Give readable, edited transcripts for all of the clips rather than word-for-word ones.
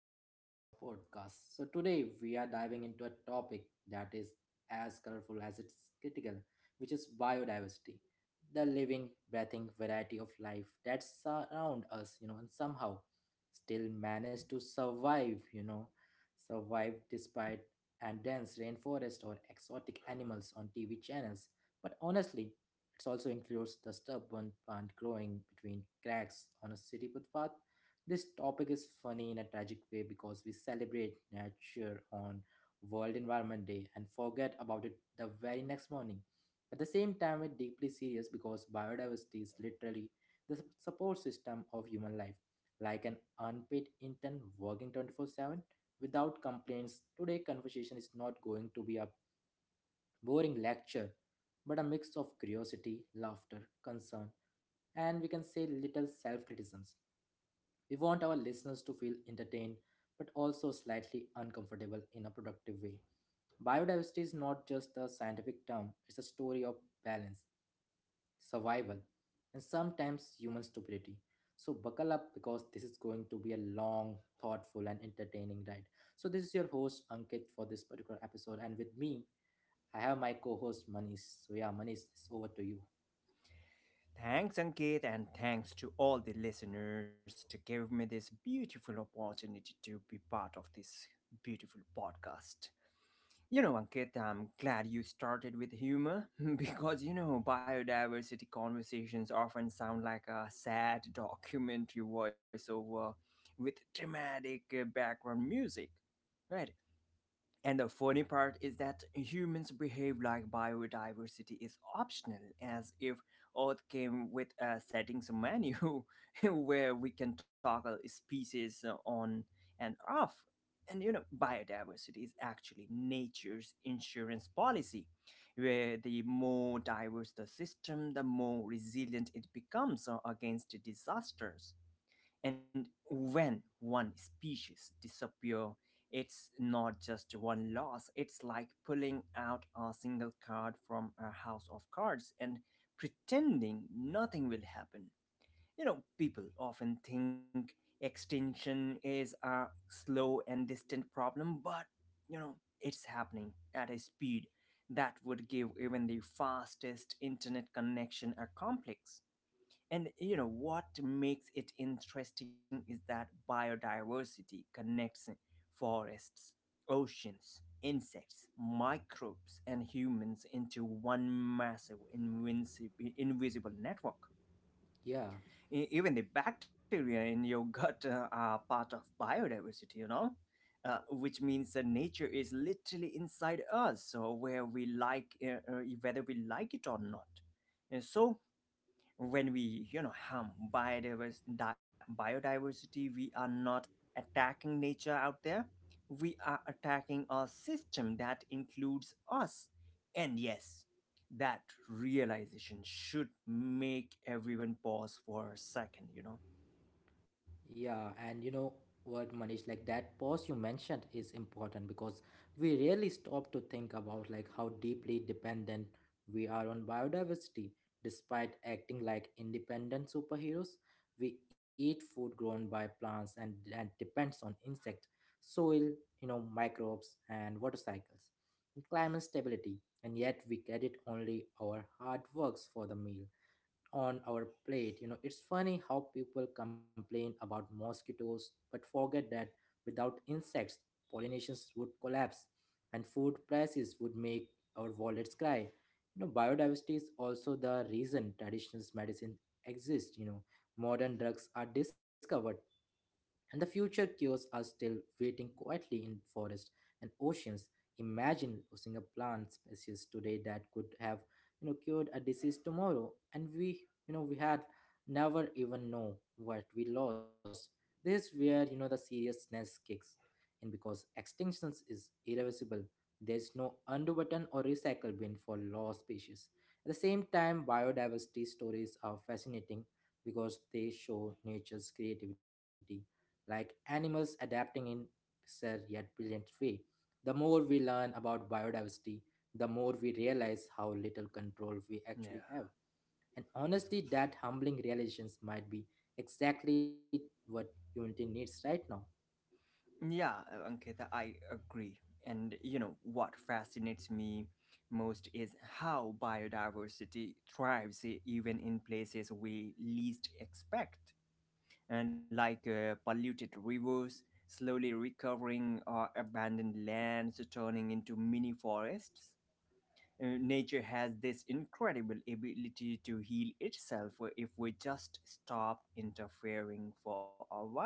episode of our podcast. So today we are diving into a topic that is as colorful as it's critical, which is biodiversity. The living, breathing variety of life that surround us, and somehow still manage to survive, survive despite and dense rainforest or exotic animals on TV channels. But honestly, it also includes the stubborn plant growing between cracks on a city footpath. This topic is funny in a tragic way because we celebrate nature on World Environment Day and forget about it the very next morning. At the same time, it's deeply serious because biodiversity is literally the support system of human life, like an unpaid intern working 24/7 without complaints. Today, conversation is not going to be a boring lecture, but a mix of curiosity, laughter, concern, and we can say little self criticisms. We want our listeners to feel entertained but also slightly uncomfortable in a productive way. Biodiversity is not just a scientific term, it's a story of balance, survival, and sometimes human stupidity. So, buckle up because this is going to be a long, thoughtful, and entertaining ride. So, this is your host Ankit for this particular episode, and with me I have my co-host Manish. So yeah, Manish, it's over to you. Thanks, Ankit, and thanks to all the listeners to give me this beautiful opportunity to be part of this beautiful podcast. You know, Ankit, I'm glad you started with humor because, you know, biodiversity conversations often sound like a sad documentary voiceover with dramatic background music, right? And the funny part is that humans behave like biodiversity is optional, as if Earth came with a settings menu where we can toggle species on and off. And you know, biodiversity is actually nature's insurance policy, where the more diverse the system, the more resilient it becomes against disasters. And when one species disappear, it's not just one loss. It's like pulling out a single card from a house of cards and pretending nothing will happen. You know, people often think extinction is a slow and distant problem, but you know, it's happening at a speed that would give even the fastest internet connection a complex. And you know what makes it interesting is that biodiversity connects forests, oceans, insects, microbes, and humans into one massive invisible network. Yeah, Even the bacteria in your gut are part of biodiversity, you know? Which means that nature is literally inside us, so where we like, whether we like it or not. And so, when we you know harm biodiversity, we are not attacking nature out there, we are attacking a system that includes us, and yes, that realization should make everyone pause for a second, you know. yeah, and you know what, Manish, like that pause you mentioned is important because we rarely stop to think about like how deeply dependent we are on biodiversity. Despite acting like independent superheroes, we eat food grown by plants and depends on insect, soil, microbes and water cycles, and climate stability, and yet we credit only our hard works for the meal on our plate. You know, it's funny how people complain about mosquitoes but forget that without insects, pollinations would collapse and food prices would make our wallets cry. You know, biodiversity is also the reason traditional medicine exists. You know, modern drugs are discovered and the future cures are still waiting quietly in forests and oceans. Imagine losing a plant species today that could have cured a disease tomorrow, and we had never even know what we lost. This is where the seriousness kicks in because extinctions is irreversible. There's no undo button or recycle bin for lost species. At the same time, biodiversity stories are fascinating because they show nature's creativity, like animals adapting in bizarre yet brilliant way. The more we learn about biodiversity, the more we realize how little control we actually have. Yeah, And honestly, that humbling realization might be exactly what unity needs right now. yeah. Ankita, I agree, and you know what fascinates me most is how biodiversity thrives even in places we least expect, and like polluted rivers, slowly recovering abandoned lands, turning into mini forests. Nature has this incredible ability to heal itself if we just stop interfering for a while.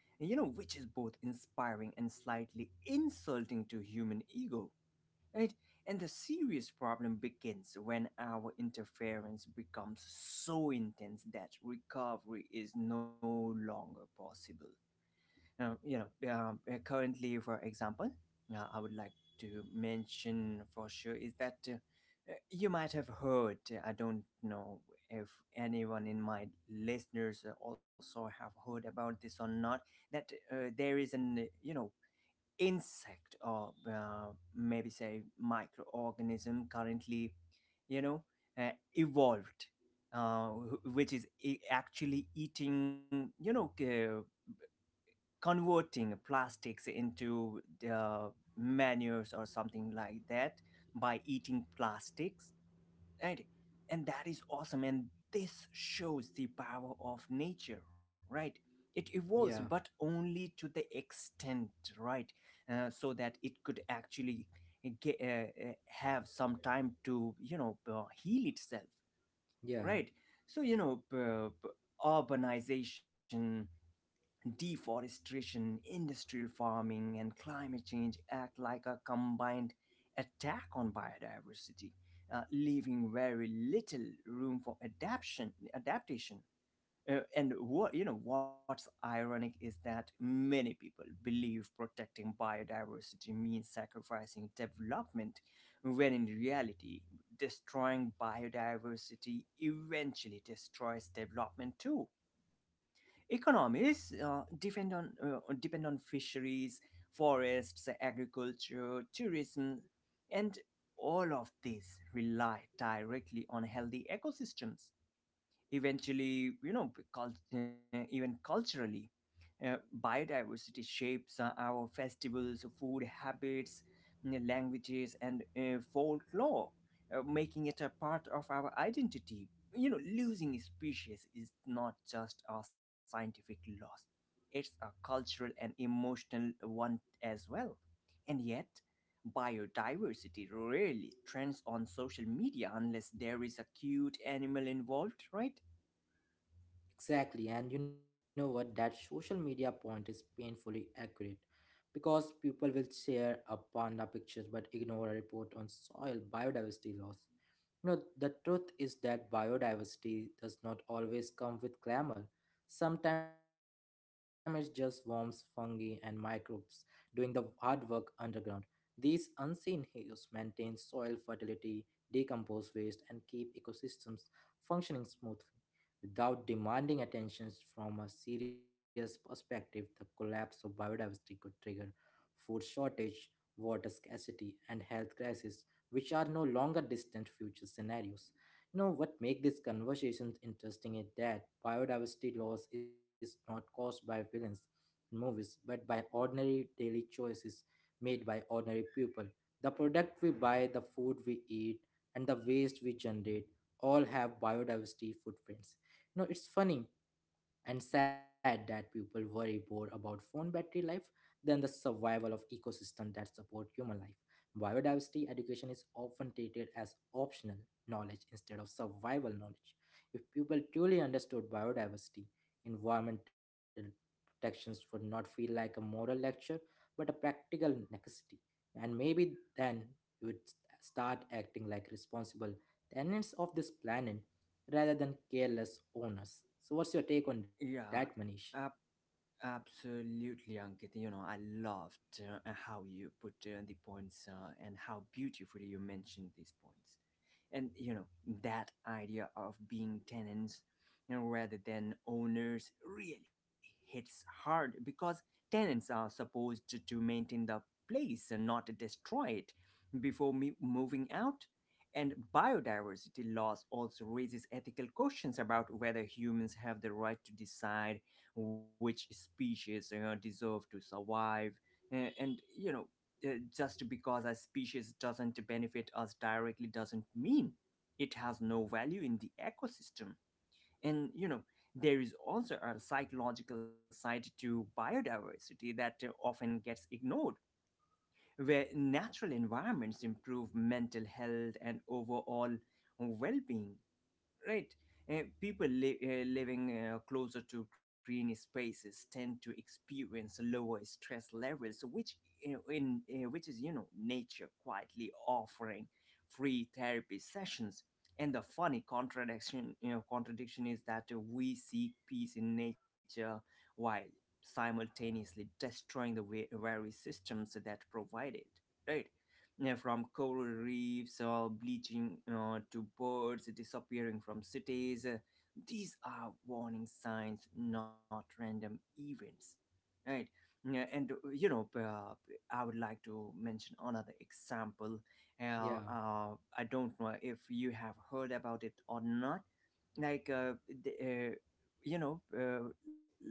You know, which is both inspiring and slightly insulting to human ego. Right? And the serious problem begins when our interference becomes so intense that recovery is no longer possible. Currently, for example, I would like to mention for sure is that, you might have heard, I don't know if anyone in my listeners also have heard about this or not, that there is an, you know, insect or maybe say microorganism currently, you know, evolved. Which is actually eating, you know, converting plastics into the manures or something like that, by eating plastics, right? And that is awesome, and this shows the power of nature, right? It Yeah, evolves but only to the extent, right? So that it could actually get, have some time to you know heal itself, yeah. right? So you know, urbanization, deforestation, industrial farming, and climate change act like a combined attack on biodiversity, leaving very little room for adaptation. Adaptation. And what you know, what's ironic is that many people believe protecting biodiversity means sacrificing development, when in reality, destroying biodiversity eventually destroys development too. Economies depend on fisheries, forests, agriculture, tourism, and all of these rely directly on healthy ecosystems. Eventually, you know, even culturally, uh, biodiversity shapes our festivals, food habits, languages, and folklore, making it a part of our identity. You know, losing species is not just a scientific loss, it's a cultural and emotional one as well. And yet, biodiversity rarely trends on social media unless there is a cute animal involved, right? Exactly, and you know what? That social media point is painfully accurate because people will share a panda picture but ignore a report on soil biodiversity loss. You know, the truth is that biodiversity does not always come with glamour. Sometimes it just worms, fungi, and microbes doing the hard work underground. These unseen heroes maintain soil fertility, decompose waste, and keep ecosystems functioning smoothly. Without demanding attention from a serious perspective, the collapse of biodiversity could trigger food shortage, water scarcity, and health crisis, which are no longer distant future scenarios. You know what makes this conversation interesting is that biodiversity loss is not caused by villains in movies, but by ordinary daily choices made by ordinary people. The product we buy, the food we eat, and the waste we generate all have biodiversity footprints. No, it's funny and sad that people worry more about phone battery life than the survival of ecosystems that support human life. Biodiversity education is often treated as optional knowledge instead of survival knowledge. If people truly understood biodiversity, environmental protections would not feel like a moral lecture but a practical necessity. And maybe then we would start acting like responsible tenants of this planet rather than careless owners. So, what's your take on that, Yeah, Manish? Absolutely, Ankit. You know, I loved how you put the points and how beautifully you mentioned these points. And you know, that idea of being tenants, you know, rather than owners really hits hard because tenants are supposed to maintain the place and not destroy it before me moving out. And biodiversity loss also raises ethical questions about whether humans have the right to decide which species, you know, deserve to survive. And you know, uh, just because a species doesn't benefit us directly doesn't mean it has no value in the ecosystem. And you know, there is also a psychological side to biodiversity that often gets ignored, where natural environments improve mental health and overall well being, right? People living closer to green spaces tend to experience lower stress levels, which in which is you know nature quietly offering free therapy sessions. And the funny contradiction you know contradiction is that we seek peace in nature while simultaneously destroying the very systems that provide it, right? Yeah, from coral reefs or bleaching to birds disappearing from cities. These are warning signs, not random events, right? Yeah, and I would like to mention another example. Yeah, I don't know if you have heard about it or not, like you know uh,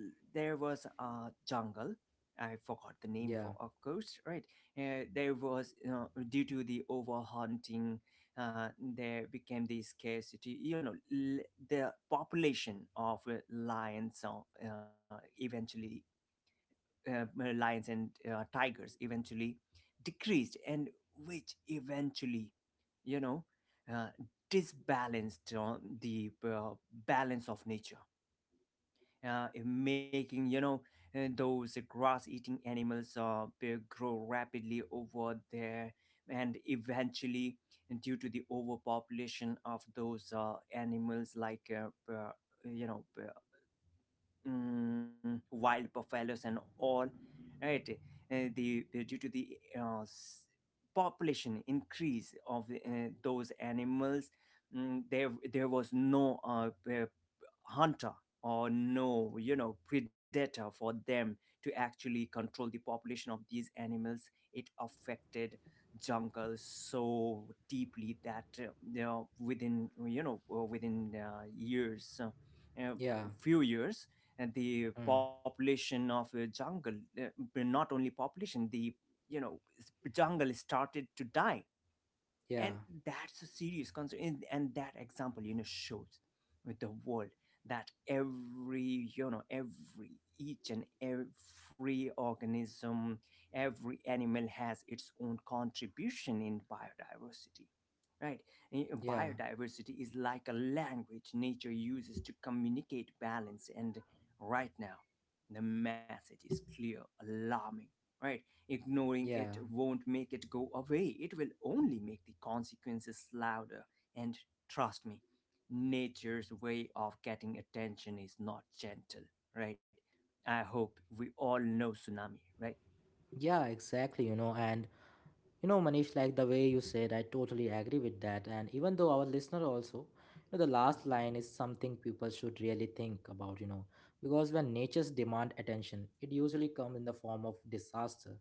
there was a jungle. I forgot the name yeah, for of course, right? There was, you know, due to the overhunting, there became the scarcity, you know, the population of lions, eventually, lions and tigers eventually decreased, and which eventually, you know, uh, disbalanced the balance of nature, making, you know, those grass eating animals, they grow rapidly over there. And eventually, due to the overpopulation of those animals, like you know uh, wild buffaloes and all, right? The due to the s- Population increase of those animals, there was no hunter or no, you know, predator for them to actually control the population of these animals. It affected jungle so deeply that, you know, within, you know, within years yeah, few years, and the mm, population of a jungle, uh, but not only population, the, you know, jungle started to die. yeah, And that's a serious concern, and that example, you know, shows with the world that every, you know, every each and every organism, every animal has its own contribution in biodiversity, right? Eh, yeah, biodiversity is like a language nature uses to communicate balance, and right now the message is clear, alarming, right? Ignoring it yeah, won't make it go away, it will only make the consequences louder. And trust me, nature's way of getting attention is not gentle, right? I hope we all know Tsunami, right? yeah, exactly. You know, and you know, Manish, like the way you said, I totally agree with that. And even though our listener also, the last line is something people should really think about, because when nature's demand attention, it usually comes in the form of disaster.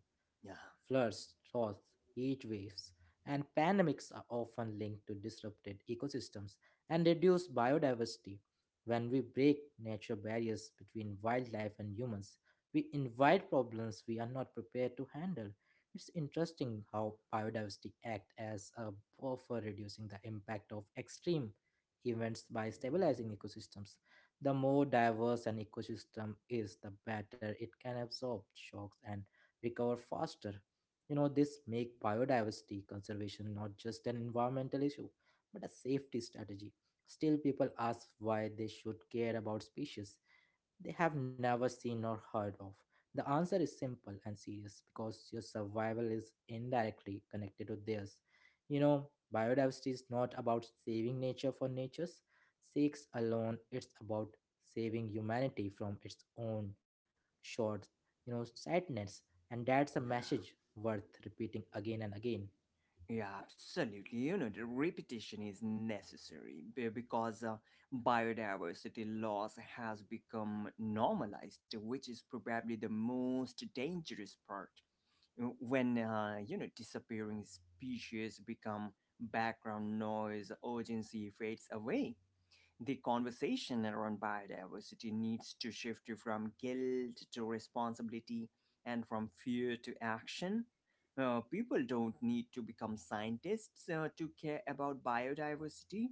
Yeah, Floods, droughts, heat waves, and pandemics are often linked to disrupted ecosystems and reduced biodiversity. When we break natural barriers between wildlife and humans, we invite problems we are not prepared to handle. It's interesting how biodiversity acts as a buffer reducing the impact of extreme events by stabilizing ecosystems. The more diverse an ecosystem is, the better it can absorb shocks and recover faster. You know, this make biodiversity conservation not just an environmental issue, but a safety strategy. Still, people ask why they should care about species they have never seen or heard of? The answer is simple and serious because your survival is indirectly connected to theirs. You know, biodiversity is not about saving nature for nature's sakes alone, it's about saving humanity from its own short, sadness. And that's a message yeah. worth repeating again and again. Yeah, absolutely. You know, the repetition is necessary because biodiversity loss has become normalized, which is probably the most dangerous part. When, you know, disappearing species become background noise, urgency fades away. The conversation around biodiversity needs to shift from guilt to responsibility, and from fear to action. People don't need to become scientists to care about biodiversity,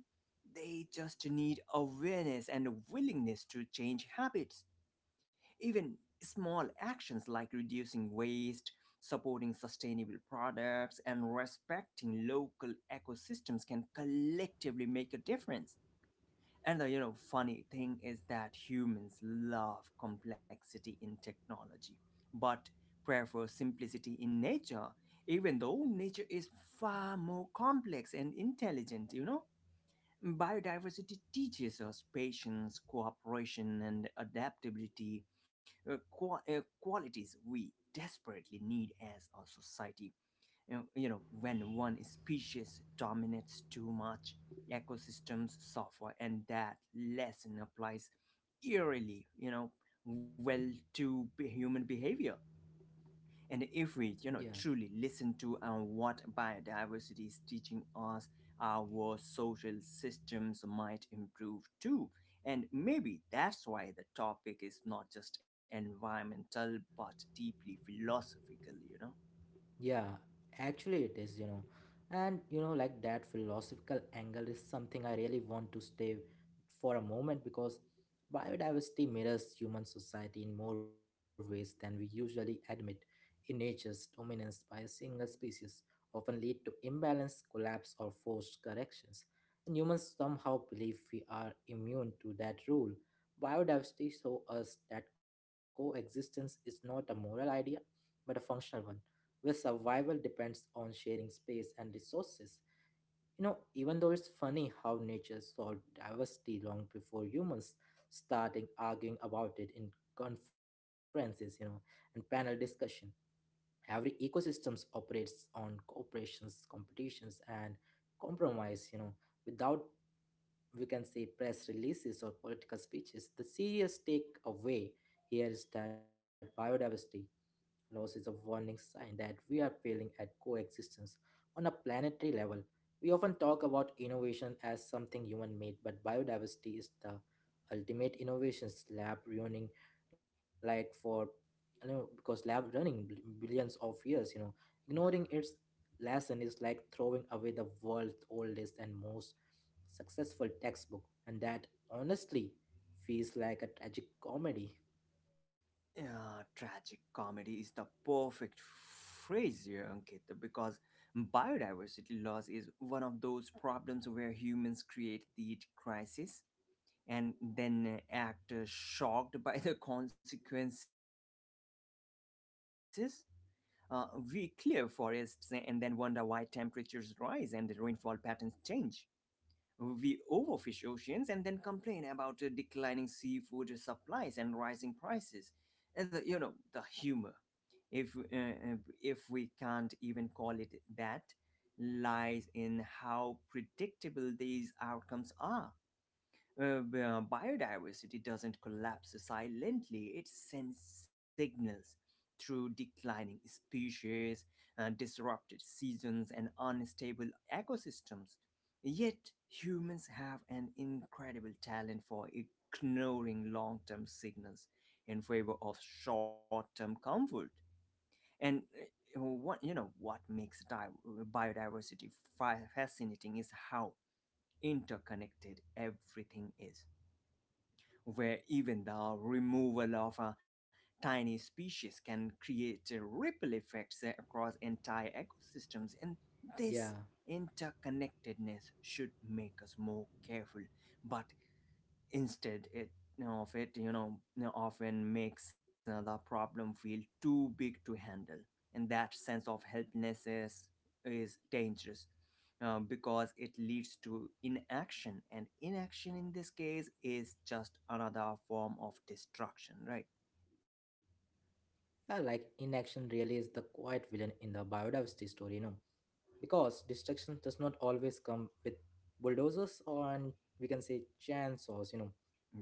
they just need awareness and a willingness to change habits. Even small actions like reducing waste, supporting sustainable products, and respecting local ecosystems can collectively make a difference. And the, you know, funny thing is that humans love complexity in technology, but prefer simplicity in nature, even though nature is far more complex and intelligent, you know? Biodiversity teaches us patience, cooperation, and adaptability, qualities we desperately need as a society. You know, when one species dominates too much, ecosystems suffer, and that lesson applies eerily, you know, well to human behavior. And if Yeah. we, you know, truly listen to what biodiversity is teaching us, our social systems might improve too. And maybe that's why the topic is not just environmental but deeply philosophical, you know? Yeah, actually it is. And you know, like that philosophical angle is something I really want to stay for a moment because biodiversity mirrors human society in more ways than we usually admit. In nature's dominance by a single species often lead to imbalance, collapse, or forced corrections. And humans somehow believe we are immune to that rule. Biodiversity shows us that coexistence is not a moral idea, but a functional one where survival depends on sharing space and resources. You know, even though it's funny how nature solved diversity long before humans starting arguing about it in conferences, and panel discussion. Every ecosystems operates on cooperations, competitions, and compromise, without we can say press releases or political speeches. The serious takeaway here is that biodiversity loss is a warning sign that we are failing at coexistence on a planetary level. We often talk about innovation as something human made, but biodiversity is the ultimate innovation lab running like for because lab running billions of years. Yeah, Ignoring its lesson is like throwing away the world's oldest and most successful textbook, and that honestly feels like a tragic comedy. yeah, tragic comedy is the perfect phrase here, Ankit, because biodiversity loss is one of those problems where humans create the crisis and then act shocked by the consequences. Uh, we clear forests and then wonder why temperatures rise and the rainfall patterns change. We overfish oceans and then complain about declining seafood supplies and rising prices. And the, you know, the humor. If uh, uh, if we can't even call it that, lies in how predictable these outcomes are. Biodiversity doesn't collapse silently, it sends signals through declining species, disrupted seasons, and unstable ecosystems. Yet, humans have an incredible talent for ignoring long term signals in favor of short term comfort. And what you know what makes biodiversity fascinating is how interconnected everything is, where even the removal of a tiny species can create ripple effects across entire ecosystems. And Yeah. this interconnectedness should make us more careful, but instead it you know, of it you know, often makes the problem feel too big to handle. And that sense of helplessness is dangerous, because it leads to inaction, and inaction in this case is just another form of destruction, right? Yeah, like inaction really is the quiet villain in the biodiversity story, because destruction does not always come with bulldozers or and we can say chainsaws.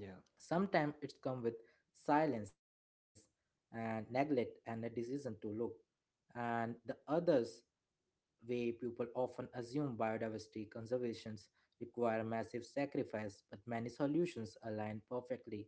Yeah, Sometimes it's come with silence and neglect and a decision to look. And the others way people often assume biodiversity conservations require massive sacrifice, but many solutions align perfectly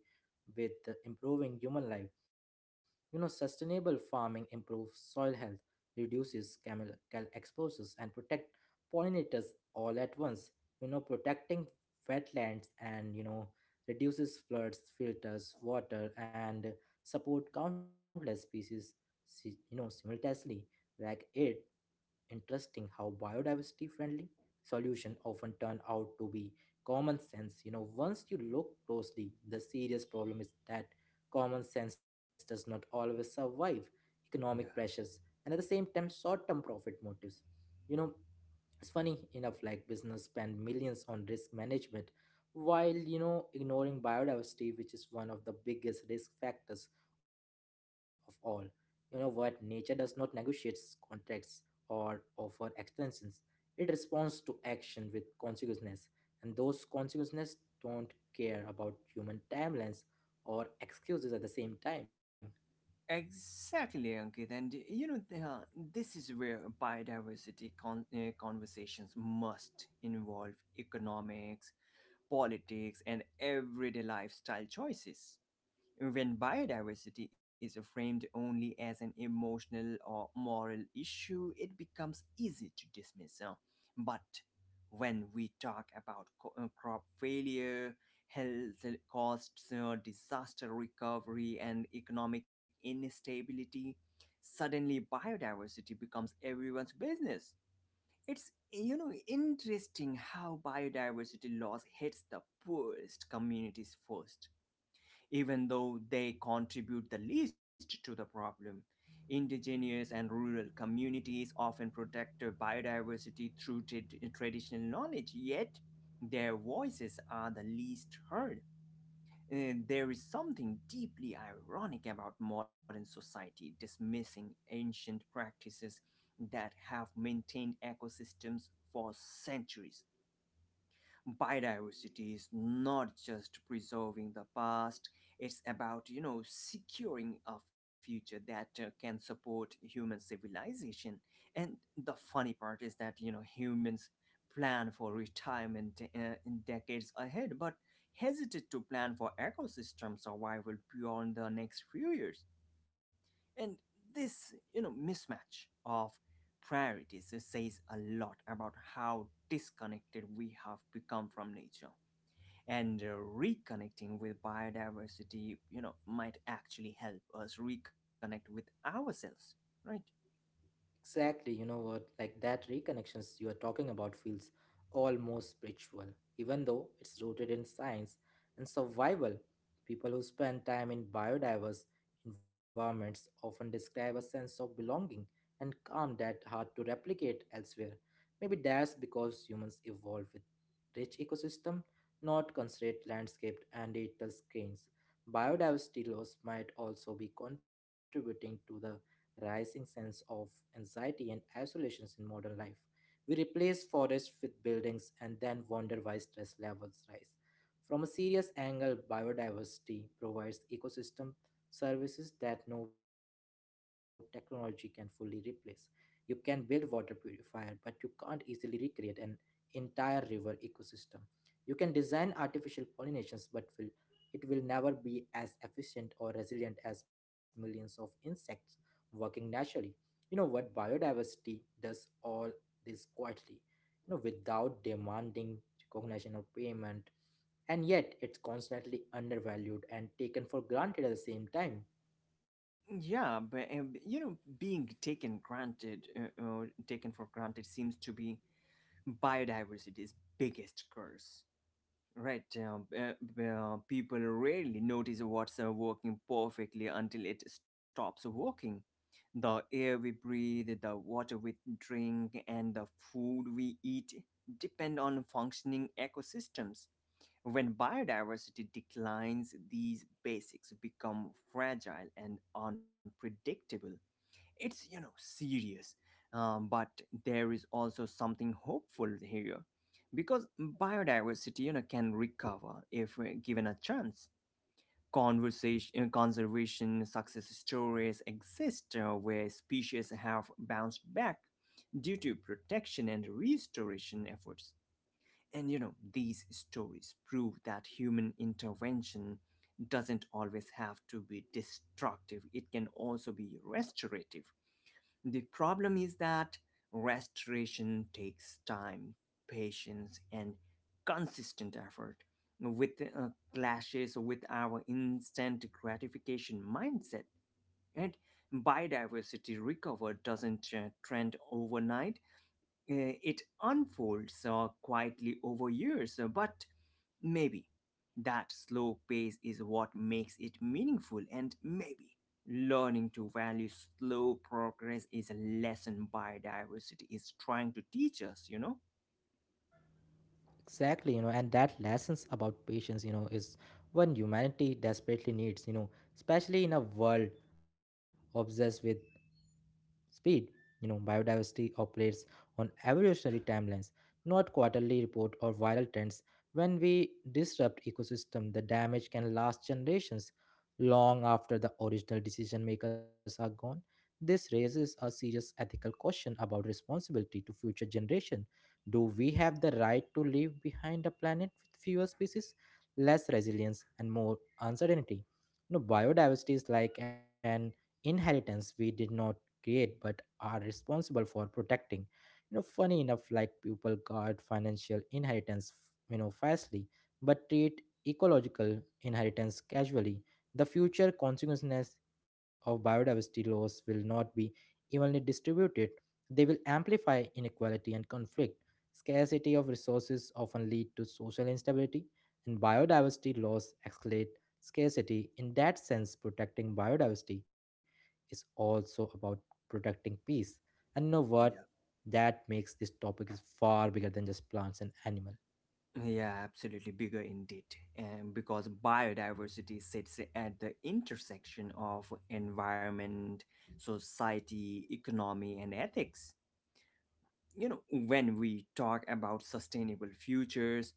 with the improving human life. You know, sustainable farming improves soil health, reduces chemical exposures, and protect pollinators all at once. You know, protecting wetlands and reduces floods, filters water, and support countless species, simultaneously. Like it, interesting how biodiversity friendly solution often turn out to be common sense, once you look closely. The serious problem is that common sense does not always survive economic yeah, pressures and at the same time short term profit motives. you know it's funny enough, like business spend millions on risk management while ignoring biodiversity, which is one of the biggest risk factors of all. You know what? Nature does not negotiate contracts or offer extensions. It responds to action with consequences, and those consequences don't care about human timelines or excuses at the same time. exactly, Ankit, and you know this is where biodiversity conversations must involve economics, politics, and everyday lifestyle choices. When biodiversity is framed only as an emotional or moral issue, it becomes easy to dismiss. But when we talk about crop failure, health costs, disaster recovery, and economic instability, suddenly biodiversity becomes everyone's business. It's, you know, interesting how biodiversity loss hits the poorest communities first, even though they contribute the least to the problem. Indigenous and rural communities often protect their biodiversity through traditional knowledge, yet their voices are the least heard. There is something deeply ironic about modern society dismissing ancient practices that have maintained ecosystems for centuries. Biodiversity is not just preserving the past, it's about, you know, securing a future that can support human civilization. And the funny part is that, you know, humans plan for retirement in decades ahead, but hesitate to plan for ecosystem survival beyond the next few years. And this, you know, mismatch of priorities says a lot about how disconnected we have become from nature. And reconnecting with biodiversity, you know, might actually help us reconnect with ourselves, right? Exactly, you know what? Like that reconnections you are talking about feels almost spiritual, even though it's rooted in science and survival. People who spend time in biodiverse environments often describe a sense of belonging and calm that hard to replicate elsewhere. Maybe that's because humans evolved with rich ecosystem, not constrained landscape and digital screens. Biodiversity loss might also be contributing to the rising sense of anxiety and isolations in modern life. We replace forests with buildings and then wonder why stress levels rise. From a serious angle, biodiversity provides ecosystem services that no technology can fully replace. You can build water purifier, but you can't easily recreate an entire river ecosystem. You can design artificial pollinations, but will it will never be as efficient or resilient as millions of insects working naturally. You know what? Biodiversity does all this quietly, without demanding recognition or payment, and yet it's constantly undervalued and taken for granted at the same time. Yeah, but you know, being taken granted, taken for granted, seems to be biodiversity's biggest curse. Right, people rarely notice what's working perfectly until it stops working. The air we breathe, the water we drink, and the food we eat depend on functioning ecosystems. When biodiversity declines, these basics become fragile and unpredictable. It's, you know, serious. But there is also something hopeful here, because biodiversity, you know, can recover if given a chance. Conservation success stories exist where species have bounced back due to protection and restoration efforts. And you know, these stories prove that human intervention doesn't always have to be destructive, it can also be restorative. The problem is that restoration takes time, patience, and consistent effort, with clashes with our instant gratification mindset. And biodiversity recover doesn't trend overnight, it unfolds quietly over years, but maybe that slow pace is what makes it meaningful, and maybe learning to value slow progress is a lesson biodiversity is trying to teach us, you know? Exactly, and that lessons about patience, is one humanity desperately needs, especially in a world obsessed with speed. You know, biodiversity operates on evolutionary timelines, not quarterly report or viral trends. When we disrupt ecosystem, the damage can last generations, long after the original decision makers are gone. This raises a serious ethical question about responsibility to future generation. Do we have the right to leave behind a planet with fewer species, less resilience, and more uncertainty? Biodiversity is like an inheritance we did not create but are responsible for protecting. Funny enough, like, people guard financial inheritance fiercely, but treat ecological inheritance casually. The future consequences of biodiversity loss will not be evenly distributed. They will amplify inequality and conflict. Scarcity of resources often lead to social instability, and biodiversity loss escalate scarcity. In that sense, protecting biodiversity is also about protecting peace. And you know what? Yeah. That makes this topic is far bigger than just plants and animals. Yeah, absolutely. Bigger indeed. And because biodiversity sits at the intersection of environment, society, economy, and ethics. You know, when we talk about sustainable futures,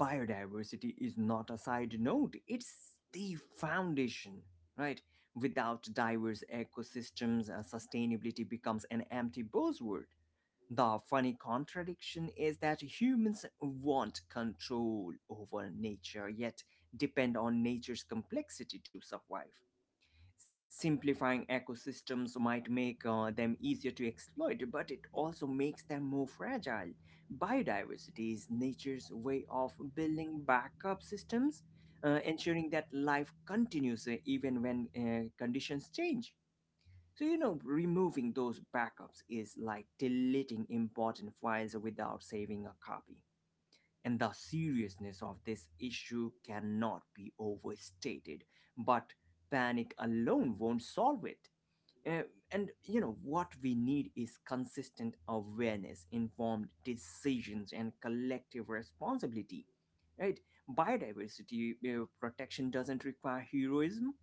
biodiversity is not a side note, it's the foundation, right? Without diverse ecosystems, sustainability becomes an empty buzzword. The funny contradiction is that humans want control over nature, yet depend on nature's complexity to survive. Simplifying ecosystems might make them easier to exploit, but it also makes them more fragile. Biodiversity is nature's way of building backup systems, ensuring that life continues even when conditions change. So, you know, removing those backups is like deleting important files without saving a copy, and the seriousness of this issue cannot be overstated. But panic alone won't solve it. Uh, and you know what, we need is consistent awareness, informed decisions, and collective responsibility. Right? Biodiversity protection doesn't require heroism,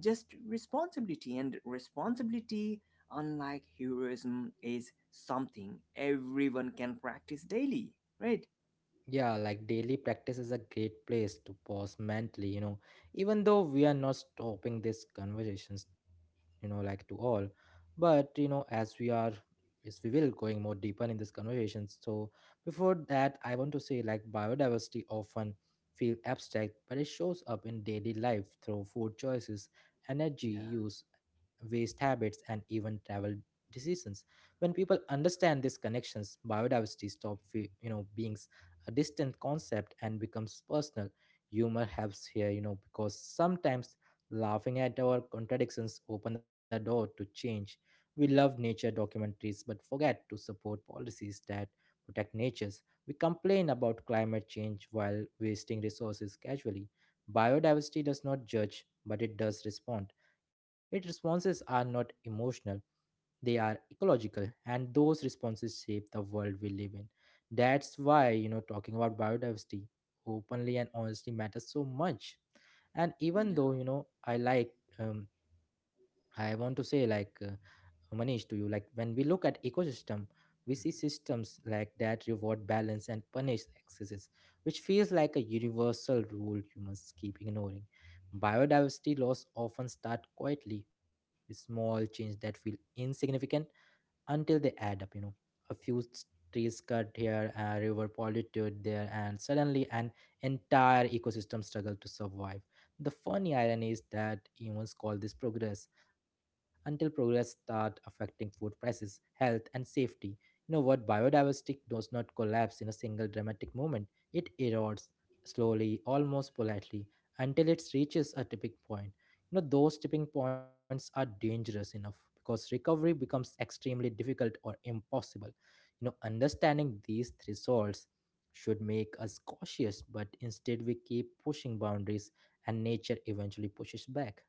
just responsibility. And responsibility, unlike heroism, is something everyone can practice daily. Right? Yeah, like daily practice is a great place to pause mentally, even though we are not stopping these conversations, like, to all. But, as we will going more deeper in these conversations. So before that, I want to say, like, biodiversity often feel abstract, but it shows up in daily life through food choices, energy use, waste habits, and even travel decisions. When people understand these connections, biodiversity stop being a distant concept and becomes personal. Humor helps here, because sometimes laughing at our contradictions open the door to change. We love nature documentaries but forget to support policies that protect natures. We complain about climate change while wasting resources casually. Biodiversity does not judge, but it does respond. Its responses are not emotional, they are ecological, and those responses shape the world we live in. That's why, talking about biodiversity openly and honestly matters so much. And even Yeah. though, um, I want to say, like, Manish, to you, like, when we look at ecosystem, we see systems like that reward balance and punish excesses, which feels like a universal rule humans keep ignoring. Biodiversity loss often start quietly with small change that feel insignificant until they add up. A few trees cut here, a river polluted there, and suddenly an entire ecosystem struggle to survive. The funny irony is that humans call this progress until progress start affecting food prices, health, and safety. You know what? Biodiversity does not collapse in a single dramatic moment. It erodes slowly, almost politely, until it reaches a tipping point. Those tipping points are dangerous enough because recovery becomes extremely difficult or impossible. Understanding these thresholds should make us cautious, but instead we keep pushing boundaries, and nature eventually pushes back.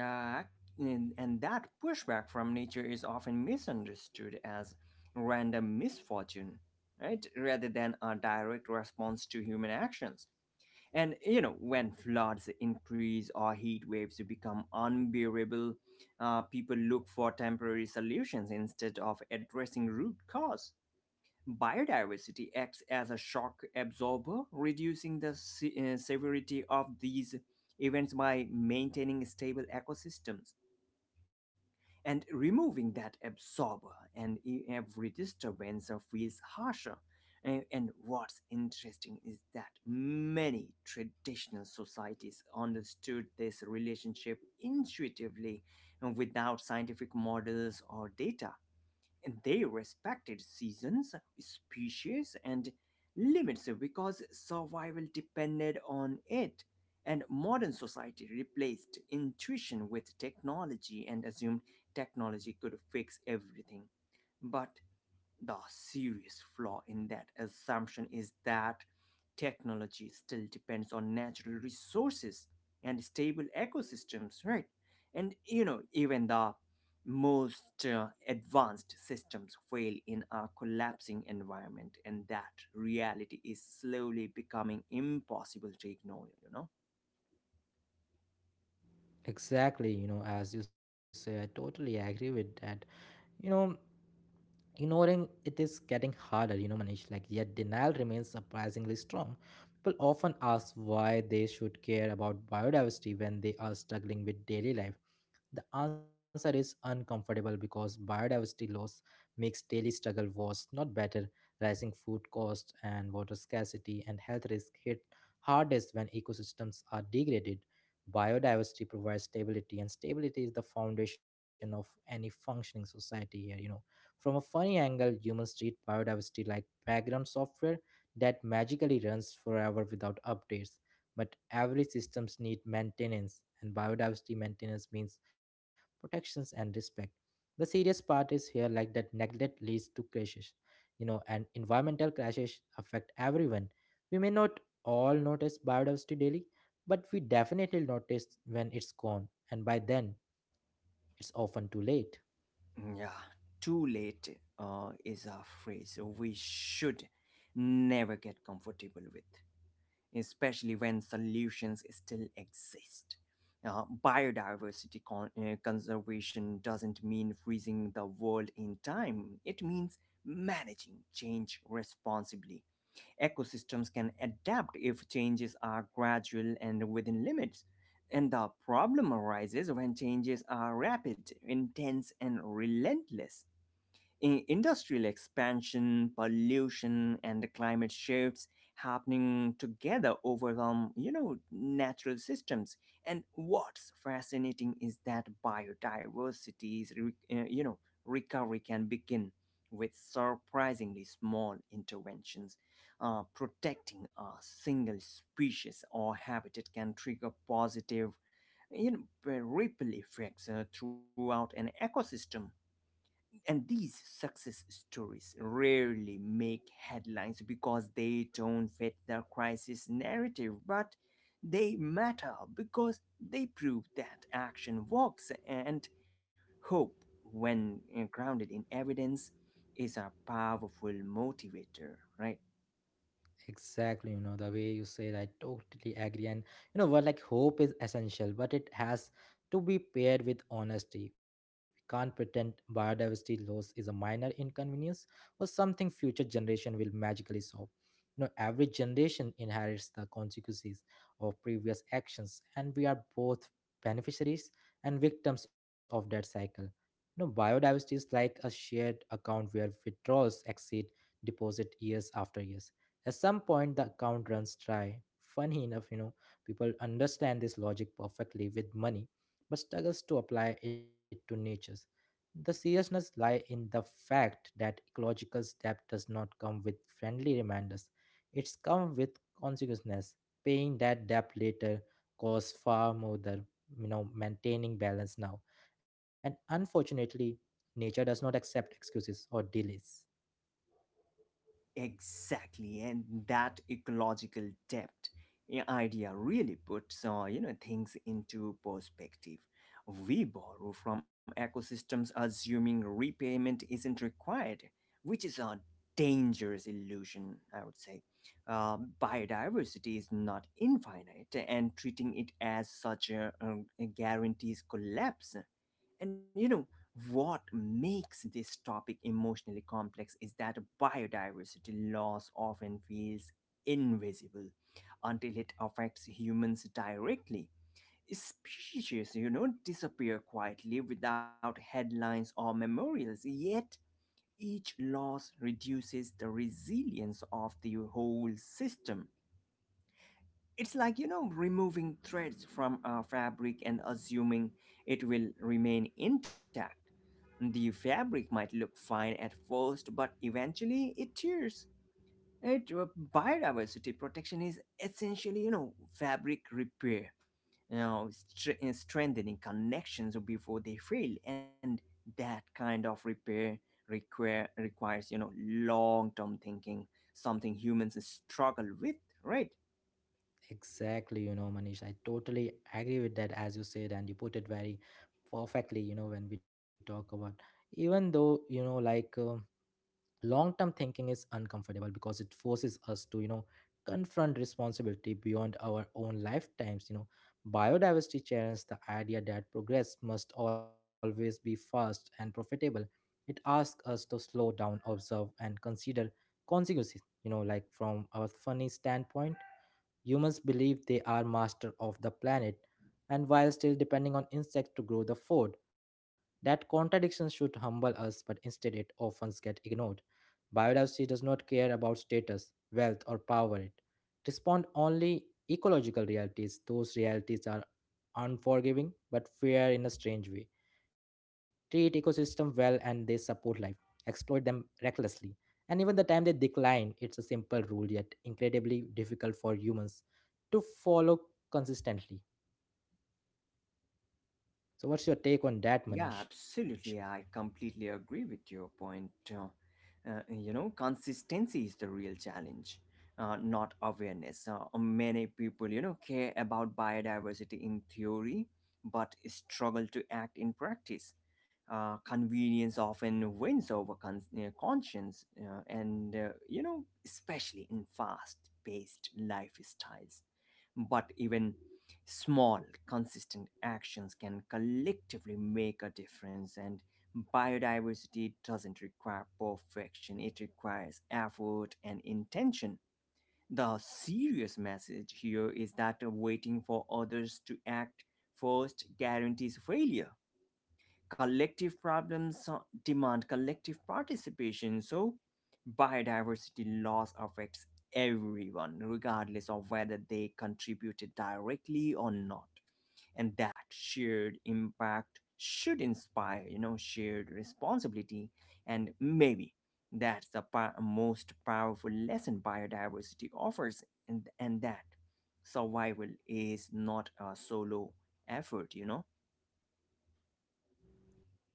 Yeah, and that pushback from nature is often misunderstood as random misfortune, right? Rather than a direct response to human actions. And, you know, when floods increase or heat waves become unbearable, people look for temporary solutions instead of addressing root cause. Biodiversity acts as a shock absorber, reducing the severity of these events by maintaining stable ecosystems, and removing that absorber, and every disturbance feels harsher. And what's interesting is that many traditional societies understood this relationship intuitively and without scientific models or data. They respected seasons, species, and limits because survival depended on it, and modern society replaced intuition with technology and assumed technology could fix everything. But the serious flaw in that assumption is that technology still depends on natural resources and stable ecosystems, right? And you know, even the most advanced systems fail in a collapsing environment, and that reality is slowly becoming impossible to ignore, you know? Exactly. As you say, I totally agree with that you know Ignoring it is getting harder, Manish, like, yet denial remains surprisingly strong. People often ask why they should care about biodiversity when they are struggling with daily life. The answer is uncomfortable because biodiversity loss makes daily struggle worse, not better. Rising food costs and water scarcity and health risk hit hardest when ecosystems are degraded. Biodiversity provides stability, and stability is the foundation of any functioning society here. From a funny angle, humans treat biodiversity like background software that magically runs forever without updates, but every systems need maintenance, and biodiversity maintenance means protections and respect. The serious part is here, like, that neglect leads to crashes, and environmental crashes affect everyone. We may not all notice biodiversity daily, but we definitely notice when it's gone, and by then it's often too late. Yeah, too late is a phrase we should never get comfortable with, especially when solutions still exist. Biodiversity conservation doesn't mean freezing the world in time, it means managing change responsibly. Ecosystems can adapt if changes are gradual and within limits. And the problem arises when changes are rapid, intense, and relentless. Industrial expansion, pollution, and the climate shifts happening together overwhelm, you know, natural systems. And what's fascinating is that biodiversity's, you know, recovery can begin with surprisingly small interventions. Protecting a single species or habitat can trigger positive, you know, ripple effects throughout an ecosystem, and these success stories rarely make headlines because they don't fit the crisis narrative, but they matter because they prove that action works, and hope, when grounded in evidence, is a powerful motivator, right? Exactly, the way you say that, I totally agree. And you know what, like, hope is essential, but it has to be paired with honesty. We can't pretend biodiversity loss is a minor inconvenience or something future generation will magically solve. Every generation inherits the consequences of previous actions, and we are both beneficiaries and victims of that cycle. Biodiversity is like a shared account where withdrawals exceed deposit years after years. At some point, the account runs dry. Funny enough, people understand this logic perfectly with money, but struggles to apply it to natures. The seriousness lie in the fact that ecological debt does not come with friendly reminders. It's come with consequences. Paying that debt later costs far more than maintaining balance now. And unfortunately, nature does not accept excuses or delays. Exactly, and that ecological depth idea really puts, you know, things into perspective. We borrow from ecosystems assuming repayment isn't required, which is a dangerous illusion, I would say. Uh, Biodiversity is not infinite, and treating it as such guarantees collapse. And you know, what makes this topic emotionally complex is that biodiversity loss often feels invisible until it affects humans directly. Species, you know, disappear quietly without headlines or memorials, yet each loss reduces the resilience of the whole system. It's like, you know, removing threads from a fabric and assuming it will remain intact. The fabric might look fine at first, but eventually it tears. It, uh, Biodiversity protection is essentially, you know, fabric repair, you know, strengthening connections before they fail. And that kind of repair, requires, you know, long term thinking, something humans struggle with, right? Exactly, Manish, I totally agree with that, as you said, and you put it very perfectly, when we talk about, even though, like, long term thinking is uncomfortable because it forces us to confront responsibility beyond our own lifetimes. Biodiversity challenges the idea that progress must always be fast and profitable. It asks us to slow down, observe, and consider consequences. Like, from our funny standpoint, humans believe they are master of the planet, and while still depending on insects to grow the food, that contradiction should humble us, but instead it often gets ignored. Biodiversity does not care about status, wealth, or power. It responds only ecological realities. Those realities are unforgiving, but fair in a strange way. Treat ecosystem well and they support life. Exploit them recklessly, and even the time they decline. It's a simple rule yet incredibly difficult for humans to follow consistently. So what's your take on that, Yeah, Manish? absolutely. I completely agree with your point. You know, consistency is the real challenge, not awareness. Many people, you know, care about biodiversity in theory, but struggle to act in practice. Convenience often wins over conscience, you know, especially in fast paced lifestyles. But even small, consistent actions can collectively make a difference, and biodiversity doesn't require perfection, it requires effort and intention. The serious message here is that waiting for others to act first guarantees failure. Collective problems demand collective participation, so biodiversity loss affects everyone, regardless of whether they contributed directly or not, and that shared impact should inspire, you know, shared responsibility. And maybe that's the most powerful lesson biodiversity offers, and that survival is not a solo effort, you know.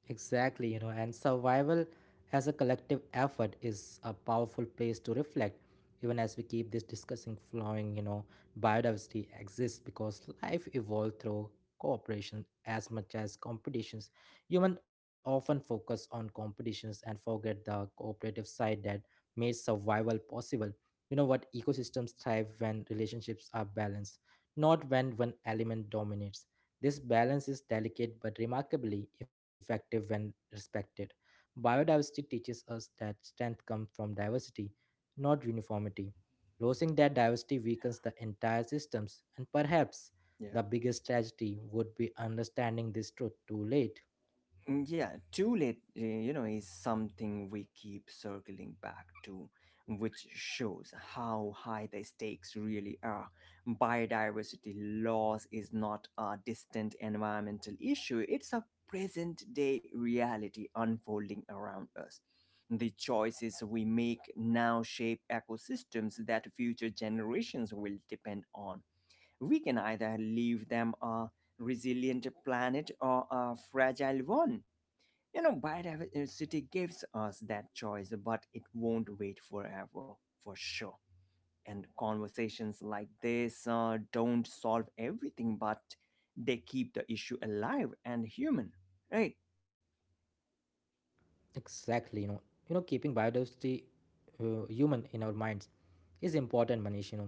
Exactly, and survival as a collective effort is a powerful place to reflect, even as we keep this discussing flowing. Biodiversity exists because life evolved through cooperation as much as competitions. Humans often focus on competitions and forget the cooperative side that made survival possible. You know what? Ecosystems thrive when relationships are balanced, not when one element dominates. This balance is delicate but remarkably effective when respected. Biodiversity teaches us that strength comes from diversity, not uniformity. Losing that diversity weakens the entire systems, and perhaps Yeah. the biggest tragedy would be understanding this truth too late. Mm, yeah, too late, you know, is something we keep circling back to, which shows how high the stakes really are. Biodiversity loss is not a distant environmental issue, it's a present day reality unfolding around us. The choices we make now shape ecosystems that future generations will depend on. We can either leave them a resilient planet or a fragile one. You know, biodiversity gives us that choice, but it won't wait forever, for sure. And conversations like this don't solve everything, but they keep the issue alive and human, right? Exactly. Keeping biodiversity human in our minds is important, Manish. You know,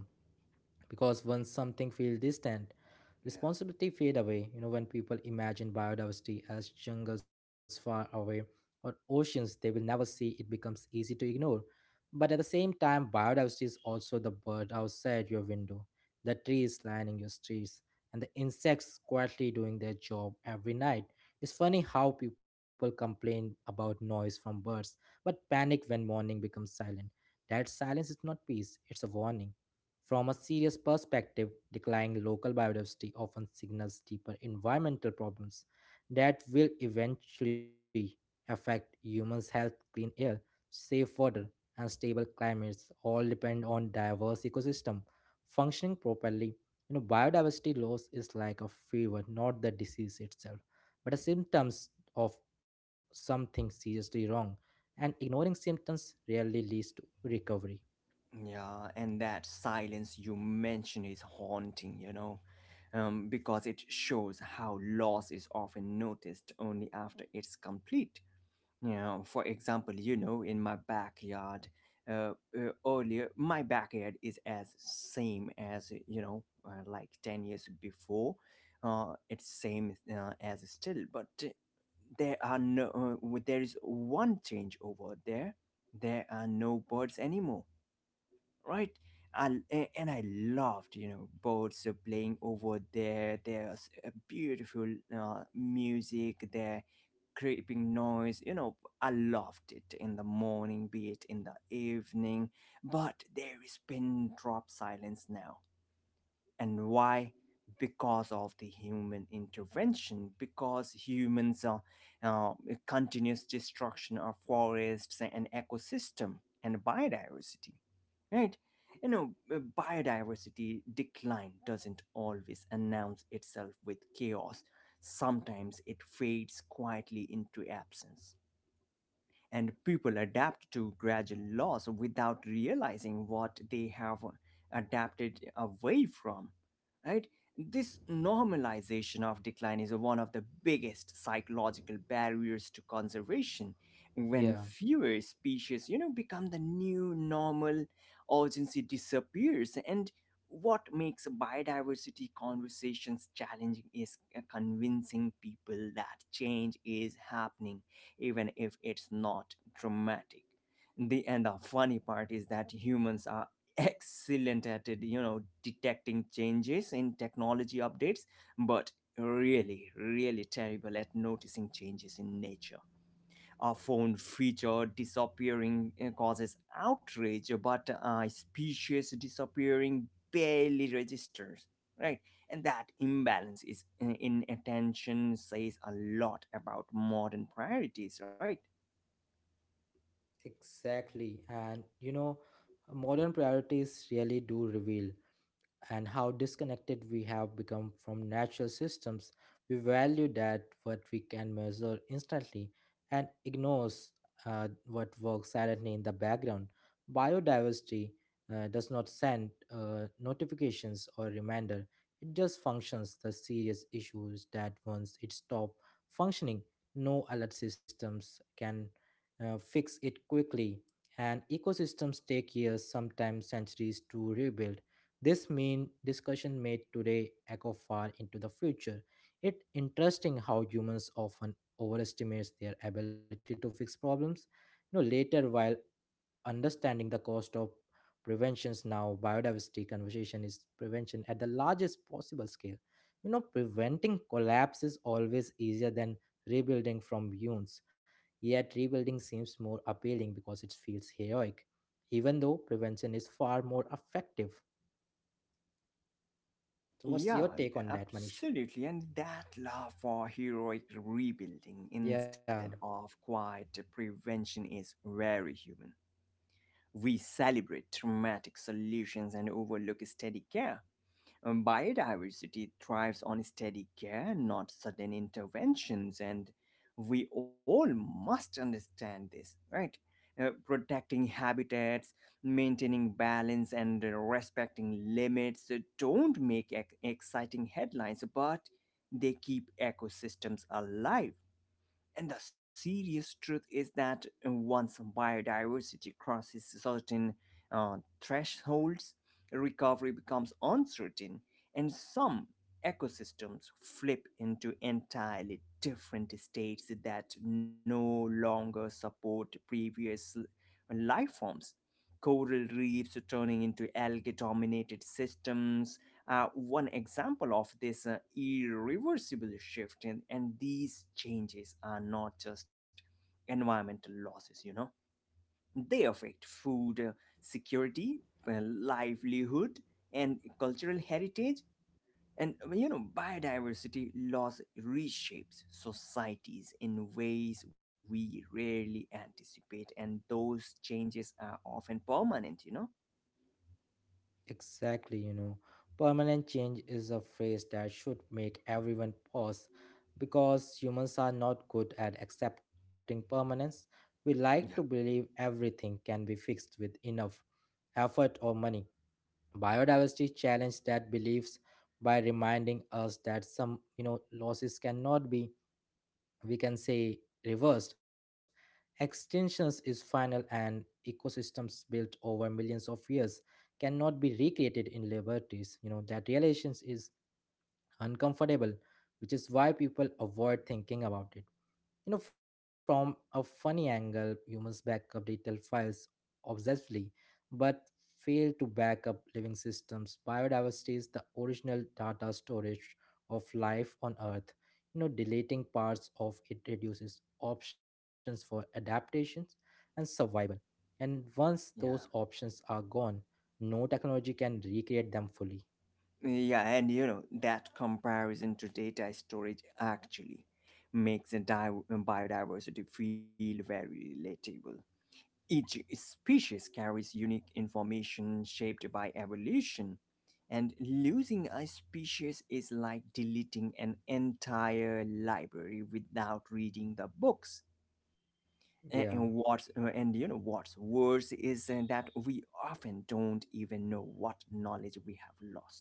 because once something feels distant, Yeah. responsibility fade away. When people imagine biodiversity as jungles far away or oceans they will never see, it becomes easy to ignore. But at the same time, biodiversity is also the bird outside your window, the trees lining your streets, and the insects quietly doing their job every night. It's funny how people complain about noise from birds but panic when morning becomes silent. That silence is not peace, it's a warning. From a serious perspective, declining local biodiversity often signals deeper environmental problems that will eventually affect humans' health. Clean air, safe water, and stable climates all depend on diverse ecosystem functioning properly. Biodiversity loss is like a fever, not the disease itself, but the symptoms of something seriously wrong. And ignoring symptoms rarely leads to recovery. Yeah, and that silence you mention is haunting, you know, because it shows how loss is often noticed only after it's complete. You know, for example, you know, in my backyard, earlier, my backyard is as same as you know, like 10 years before. It's same as still, but there are no. There is one change over there. There are no birds anymore, right? And, and I loved, you know, birds playing over there. There's a beautiful music there, creeping noise. You know, I loved it in the morning, be it in the evening. But there is pin drop silence now. And why? Because of the human intervention, because humans uh, continuous destruction of forests and ecosystem and biodiversity, right? You know, biodiversity decline doesn't always announce itself with chaos. Sometimes it fades quietly into absence, and people adapt to gradual loss without realizing what they have adapted away from, right? This normalization of decline is one of the biggest psychological barriers to conservation. When Yeah. fewer species, you know, become the new normal, urgency disappears. And what makes biodiversity conversations challenging is convincing people that change is happening even if it's not dramatic. The and the funny part is that humans are excellent at it, you know, detecting changes in technology updates, but really terrible at noticing changes in nature. A phone feature disappearing causes outrage, but a species disappearing barely registers. Right, and that imbalance is in attention says a lot about modern priorities, right? Exactly. And modern priorities really do reveal and how disconnected we have become from natural systems. We value that what we can measure instantly and ignores what works silently in the background. Biodiversity does not send notifications or reminder. It just functions the serious issues that once it stops functioning, no alert systems can fix it quickly. And ecosystems take years, sometimes centuries, to rebuild this main discussion made today echo far into the future. It's interesting how humans often overestimate their ability to fix problems. Later while understanding the cost of preventions now, biodiversity conversation is prevention at the largest possible scale. Preventing collapse is always easier than rebuilding from wounds. Yet rebuilding seems more appealing because it feels heroic, even though prevention is far more effective. So, what's Yeah, your take on that, Manish? absolutely. And that love for heroic rebuilding instead Yeah, of quiet prevention is very human. We celebrate dramatic solutions and overlook steady care. Biodiversity thrives on steady care, not sudden interventions, and we all must understand this, right? Protecting habitats, maintaining balance, and respecting limits don't make exciting headlines, but they keep ecosystems alive. And the serious truth is that once biodiversity crosses certain uh, thresholds, recovery becomes uncertain, and some ecosystems flip into entirely different states that no longer support life forms. Coral reefs turning into algae dominated systems, one example of this irreversible shift, and, these changes are not just environmental losses. They affect food security, livelihood, and cultural heritage. And, biodiversity loss reshapes societies in ways we rarely anticipate, and those changes are often permanent, you know? exactly. Permanent change is a phrase that should make everyone pause because humans are not good at accepting permanence. We like to Yeah. believe everything can be fixed with enough effort or money. Biodiversity challenged that beliefs by reminding us that some, losses cannot be, we can say, reversed. Extinctions is final, and ecosystems built over millions of years cannot be recreated in laboratories. That relations is uncomfortable, which is why people avoid thinking about it. From a funny angle, humans back up digital files obsessively, but fail to back up living systems. Biodiversity is the original data storage of life on Earth. Deleting parts of it reduces options for adaptations and survival. And once those Yeah. options are gone, no technology can recreate them fully. Yeah, and you know, that comparison to data storage actually makes a biodiversity feel very relatable. Each species carries unique information shaped by evolution, and losing a species is like deleting an entire library without reading the books. Yeah. And you know what's worse is that we often don't even know what knowledge we have lost.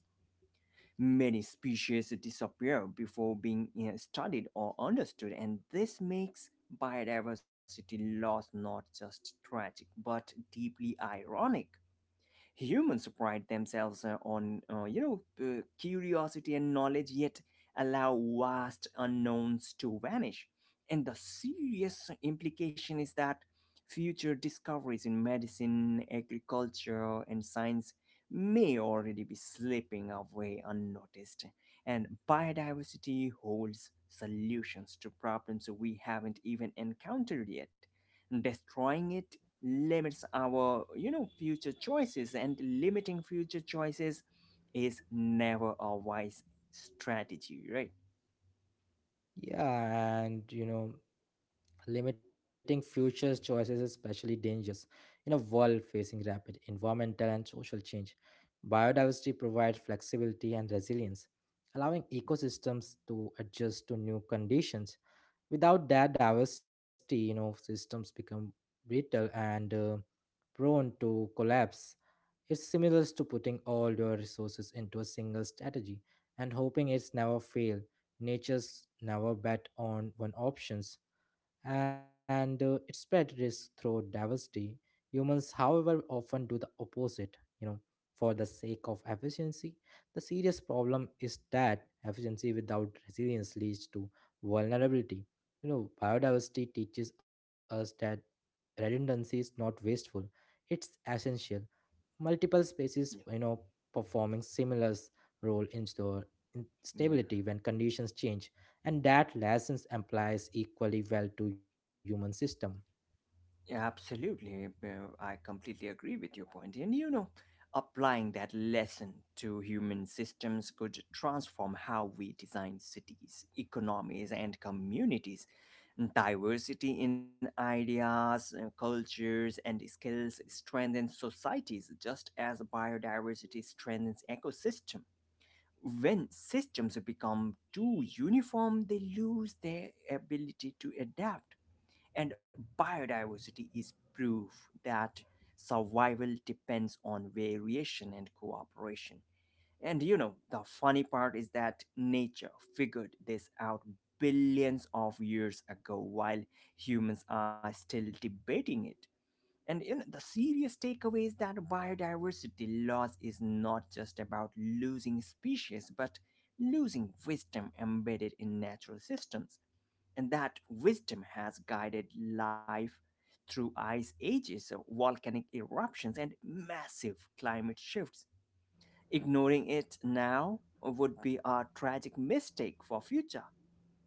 Many species disappear before being studied or understood, and this makes biodiversity loss not just tragic but deeply ironic. Humans pride themselves on, curiosity and knowledge, yet allow vast unknowns to vanish. And the serious implication is that future discoveries in medicine, agriculture, and science may already be slipping away unnoticed. And biodiversity holds solutions to problems we haven't even encountered yet. Destroying it limits our future choices, and limiting future choices is never a wise strategy, right? Yeah, and limiting future choices is especially dangerous in a world facing rapid environmental and social change. Biodiversity provides flexibility and resilience, allowing ecosystems to adjust to new conditions. Without that diversity, systems become brittle and prone to collapse. It's similar to putting all your resources into a single strategy and hoping it's never fail. Nature's never bet on one options, and it spread risk through diversity. Humans, however, often do the opposite, you know, for the sake of efficiency. The serious problem is that efficiency without resilience leads to vulnerability. You know, biodiversity teaches us that redundancy is not wasteful, it's essential. Multiple species, you know, performing similar role in store, in Yeah. stability when conditions change, and that lessons applies equally well to human system. Yeah, absolutely. I completely agree with your point. And you know, applying that lesson to human systems could transform how we design cities, economies, and communities. Diversity in ideas, cultures, and skills strengthens societies just as biodiversity strengthens ecosystem. When systems become too uniform, they lose their ability to adapt, and biodiversity is proof that survival depends on variation and cooperation. And you know, the funny part is that nature figured this out billions of years ago while humans are still debating it. And you know, the serious takeaway is that biodiversity loss is not just about losing species, but losing wisdom embedded in natural systems, and that wisdom has guided life through ice ages, so volcanic eruptions, and massive climate shifts. Ignoring it now would be a tragic mistake for future.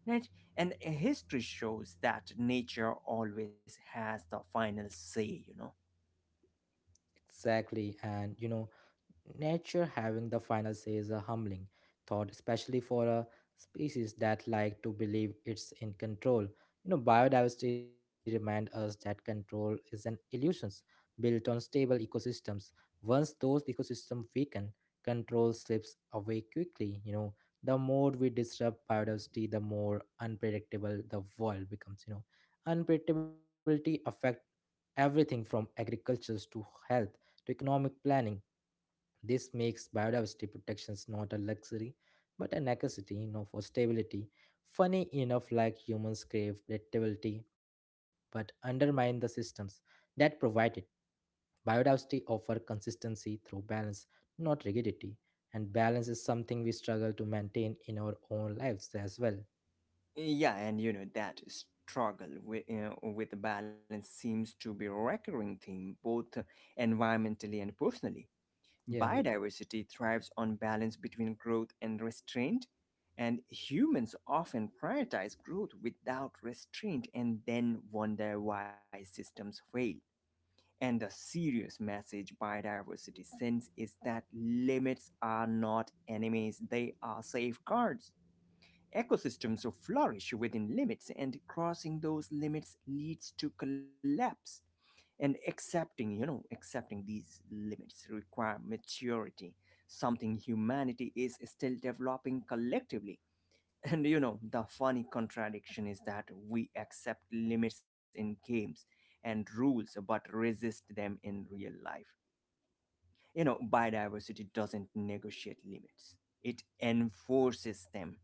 Right? And history shows that nature always has the final say, you know. Exactly, and you know, nature having the final say is a humbling thought, especially for a species that like to believe it's in control. You know, biodiversity reminds us that control is an illusion built on stable ecosystems. Once those ecosystems weaken, control slips away quickly. You know, the more we disrupt biodiversity, the more unpredictable the world becomes. You know, unpredictability affects everything from agriculture to health to economic planning. This makes biodiversity protections not a luxury but a necessity, you know, for stability. Funny enough, like, humans crave predictability but undermine the systems that provide it. Biodiversity offers consistency through balance, not rigidity, and balance is something we struggle to maintain in our own lives as well. Yeah, and you know that struggle with the balance seems to be a recurring theme, both environmentally and personally. Yeah. Biodiversity thrives on balance between growth and restraint, and humans often prioritize growth without restraint and then wonder why systems fail. And the serious message biodiversity sends is that limits are not enemies, they are safeguards. Ecosystems flourish within limits, and crossing those limits leads to collapse, and accepting accepting these limits require maturity, something humanity is still developing collectively. And you know, the funny contradiction is that we accept limits in games and rules but resist them in real life. You know, biodiversity doesn't negotiate limits, it enforces them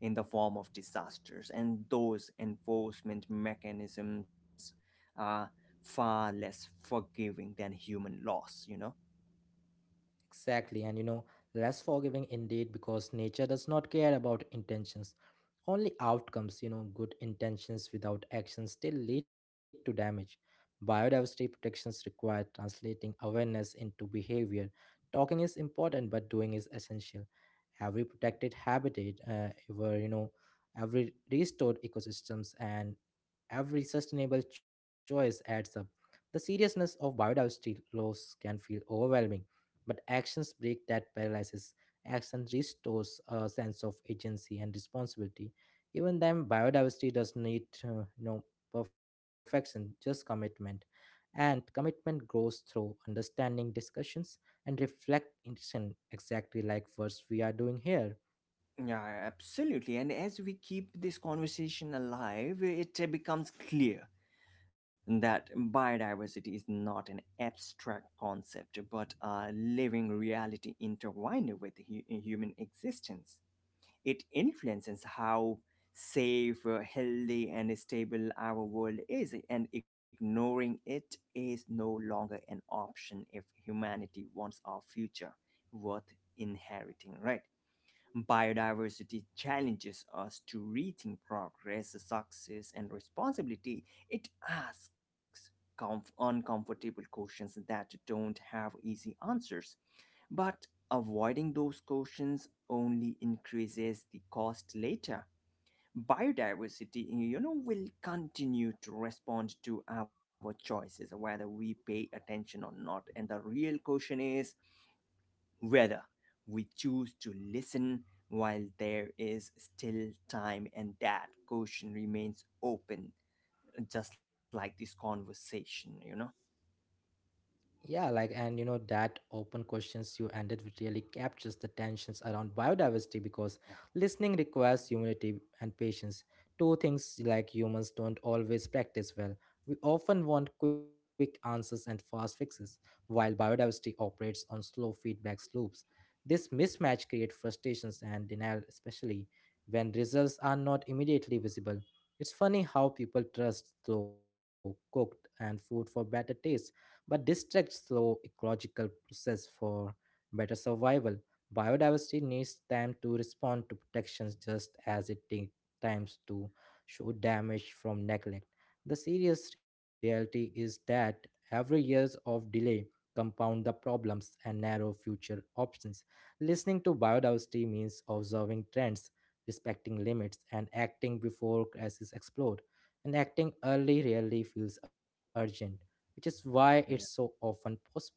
in the form of disasters, and those enforcement mechanisms are far less forgiving than human loss, you know. Exactly, and you know, less forgiving indeed, because nature does not care about intentions, only outcomes. You know, good intentions without action still lead to damage. Biodiversity protections require translating awareness into behavior. Talking is important, but doing is essential. Every protected habitat, ever, you know, every restored ecosystems, and every sustainable choice adds up. The seriousness of biodiversity loss can feel overwhelming, but actions break that paralysis. Action restores a sense of agency and responsibility. Even then, biodiversity does need, you know, perfection, just commitment, and commitment grows through understanding, discussions, and reflection, exactly like what we are doing here. Yeah, absolutely. And as we keep this conversation alive, it becomes clear that biodiversity is not an abstract concept but a living reality intertwined with human existence. It influences how safe, healthy, and stable our world is, and ignoring it is no longer an option if humanity wants our future worth inheriting, right? Biodiversity challenges us to rethink progress, success, and responsibility. It asks uncomfortable questions that don't have easy answers, but avoiding those questions only increases the cost later. Biodiversity, you know, will continue to respond to our choices, whether we pay attention or not. And the real question is whether we choose to listen while there is still time, and that question remains open, just like this conversation, you know. Yeah, like, and you know, that open questions you ended with really captures the tensions around biodiversity, because listening requires humility and patience. Two things like humans don't always practice well. We often want quick answers and fast fixes, while biodiversity operates on slow feedback loops. This mismatch creates frustrations and denial, especially when results are not immediately visible. It's funny how people trust slow cooked and food for better taste but distracts slow ecological process for better survival. Biodiversity needs time to respond to protections, just as it takes times to show damage from neglect. The serious reality is that every years of delay compound the problems and narrow future options. Listening to biodiversity means observing trends, respecting limits, and acting before crises explode. And acting early really feels urgent, which is why it's so often postponed.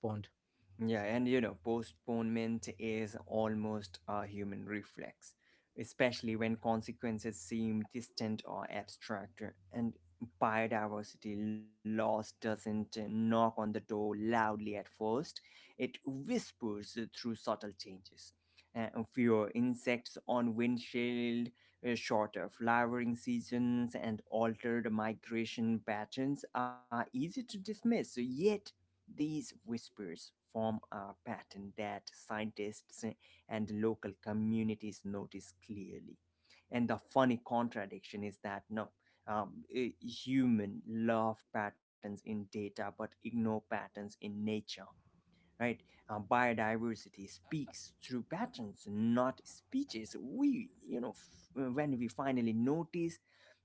Yeah, and you know, postponement is almost a human reflex, especially when consequences seem distant or abstract. And biodiversity loss doesn't knock on the door loudly at first, it whispers through subtle changes. Uh, Fewer insects on windshield, shorter flowering seasons, and altered migration patterns are easy to dismiss, yet these whispers form a pattern that scientists and local communities notice clearly. And the funny contradiction is that no, human love patterns in data but ignore patterns in nature, right? Biodiversity speaks through patterns, not speeches. We, you know, f- When we finally notice,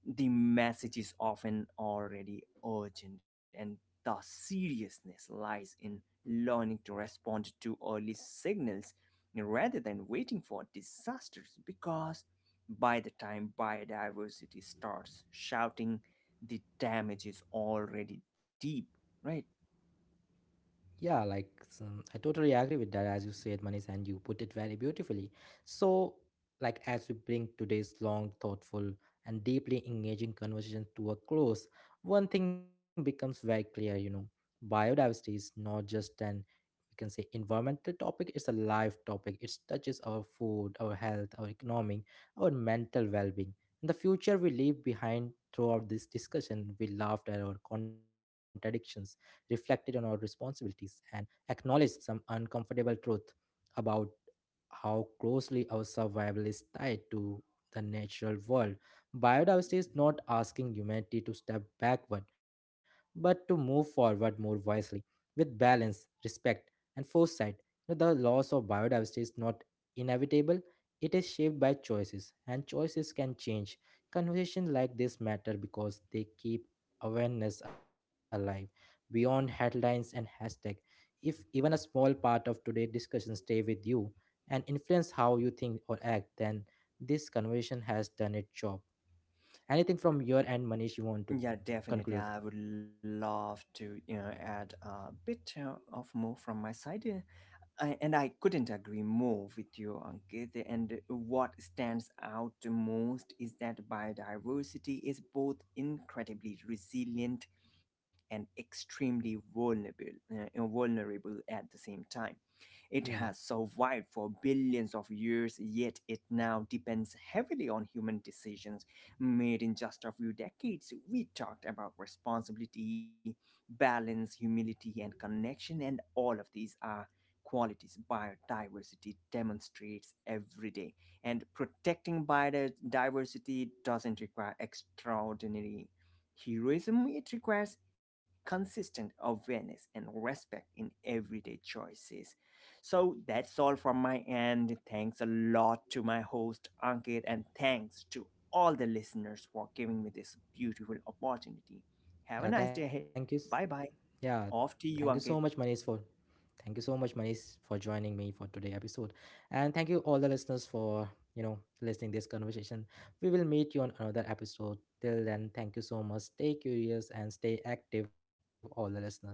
the message is often already urgent, and the seriousness lies in learning to respond to early signals rather than waiting for disasters, because by the time biodiversity starts shouting, the damage is already deep, right? Yeah, like, some, I totally agree with that, as you said, Manish, and you put it very beautifully. So, like, as we bring today's long, thoughtful, and deeply engaging conversation to a close, one thing becomes very clear, you know, biodiversity is not just an, we can say, environmental topic. It's a life topic. It touches our food, our health, our economic, our mental well-being, and the future we leave behind. Throughout this discussion, we laughed at our contradictions, reflected on our responsibilities, and acknowledged some uncomfortable truth about how closely our survival is tied to the natural world. Biodiversity is not asking humanity to step backward, but to move forward more wisely, with balance, respect, and foresight. You know, the loss of biodiversity is not inevitable, it is shaped by choices, and choices can change. Conversations like this matter because they keep awareness alive beyond headlines and hashtag. If even a small part of today's discussion stay with you and influence how you think or act, then this conversation has done its job. Anything from your end, Manish, you want to Yeah, definitely. conclude? I would love to, you know, add a bit of more from my side. And I couldn't agree more with you, Ankit. And what stands out the most is that biodiversity is both incredibly resilient and extremely vulnerable at the same time. It Yeah. has survived for billions of years, yet it now depends heavily on human decisions made in just a few decades. We talked about responsibility, balance, humility, and connection, and all of these are qualities biodiversity demonstrates every day. And protecting biodiversity doesn't require extraordinary heroism, it requires consistent awareness and respect in everyday choices. So that's all from my end. Thanks a lot to my host, Ankit, and thanks to all the listeners for giving me this beautiful opportunity. Have Yeah, a nice thank day you. ahead. Bye bye. Yeah, Off to thank you you, so much, Ankit. Manish, for thank you so much, Manish, for joining me for today episode, and thank you all the listeners for, you know, listening this conversation. We will meet you on another episode. Till then, thank you so much. Stay curious and stay active, all the listeners. Thank you.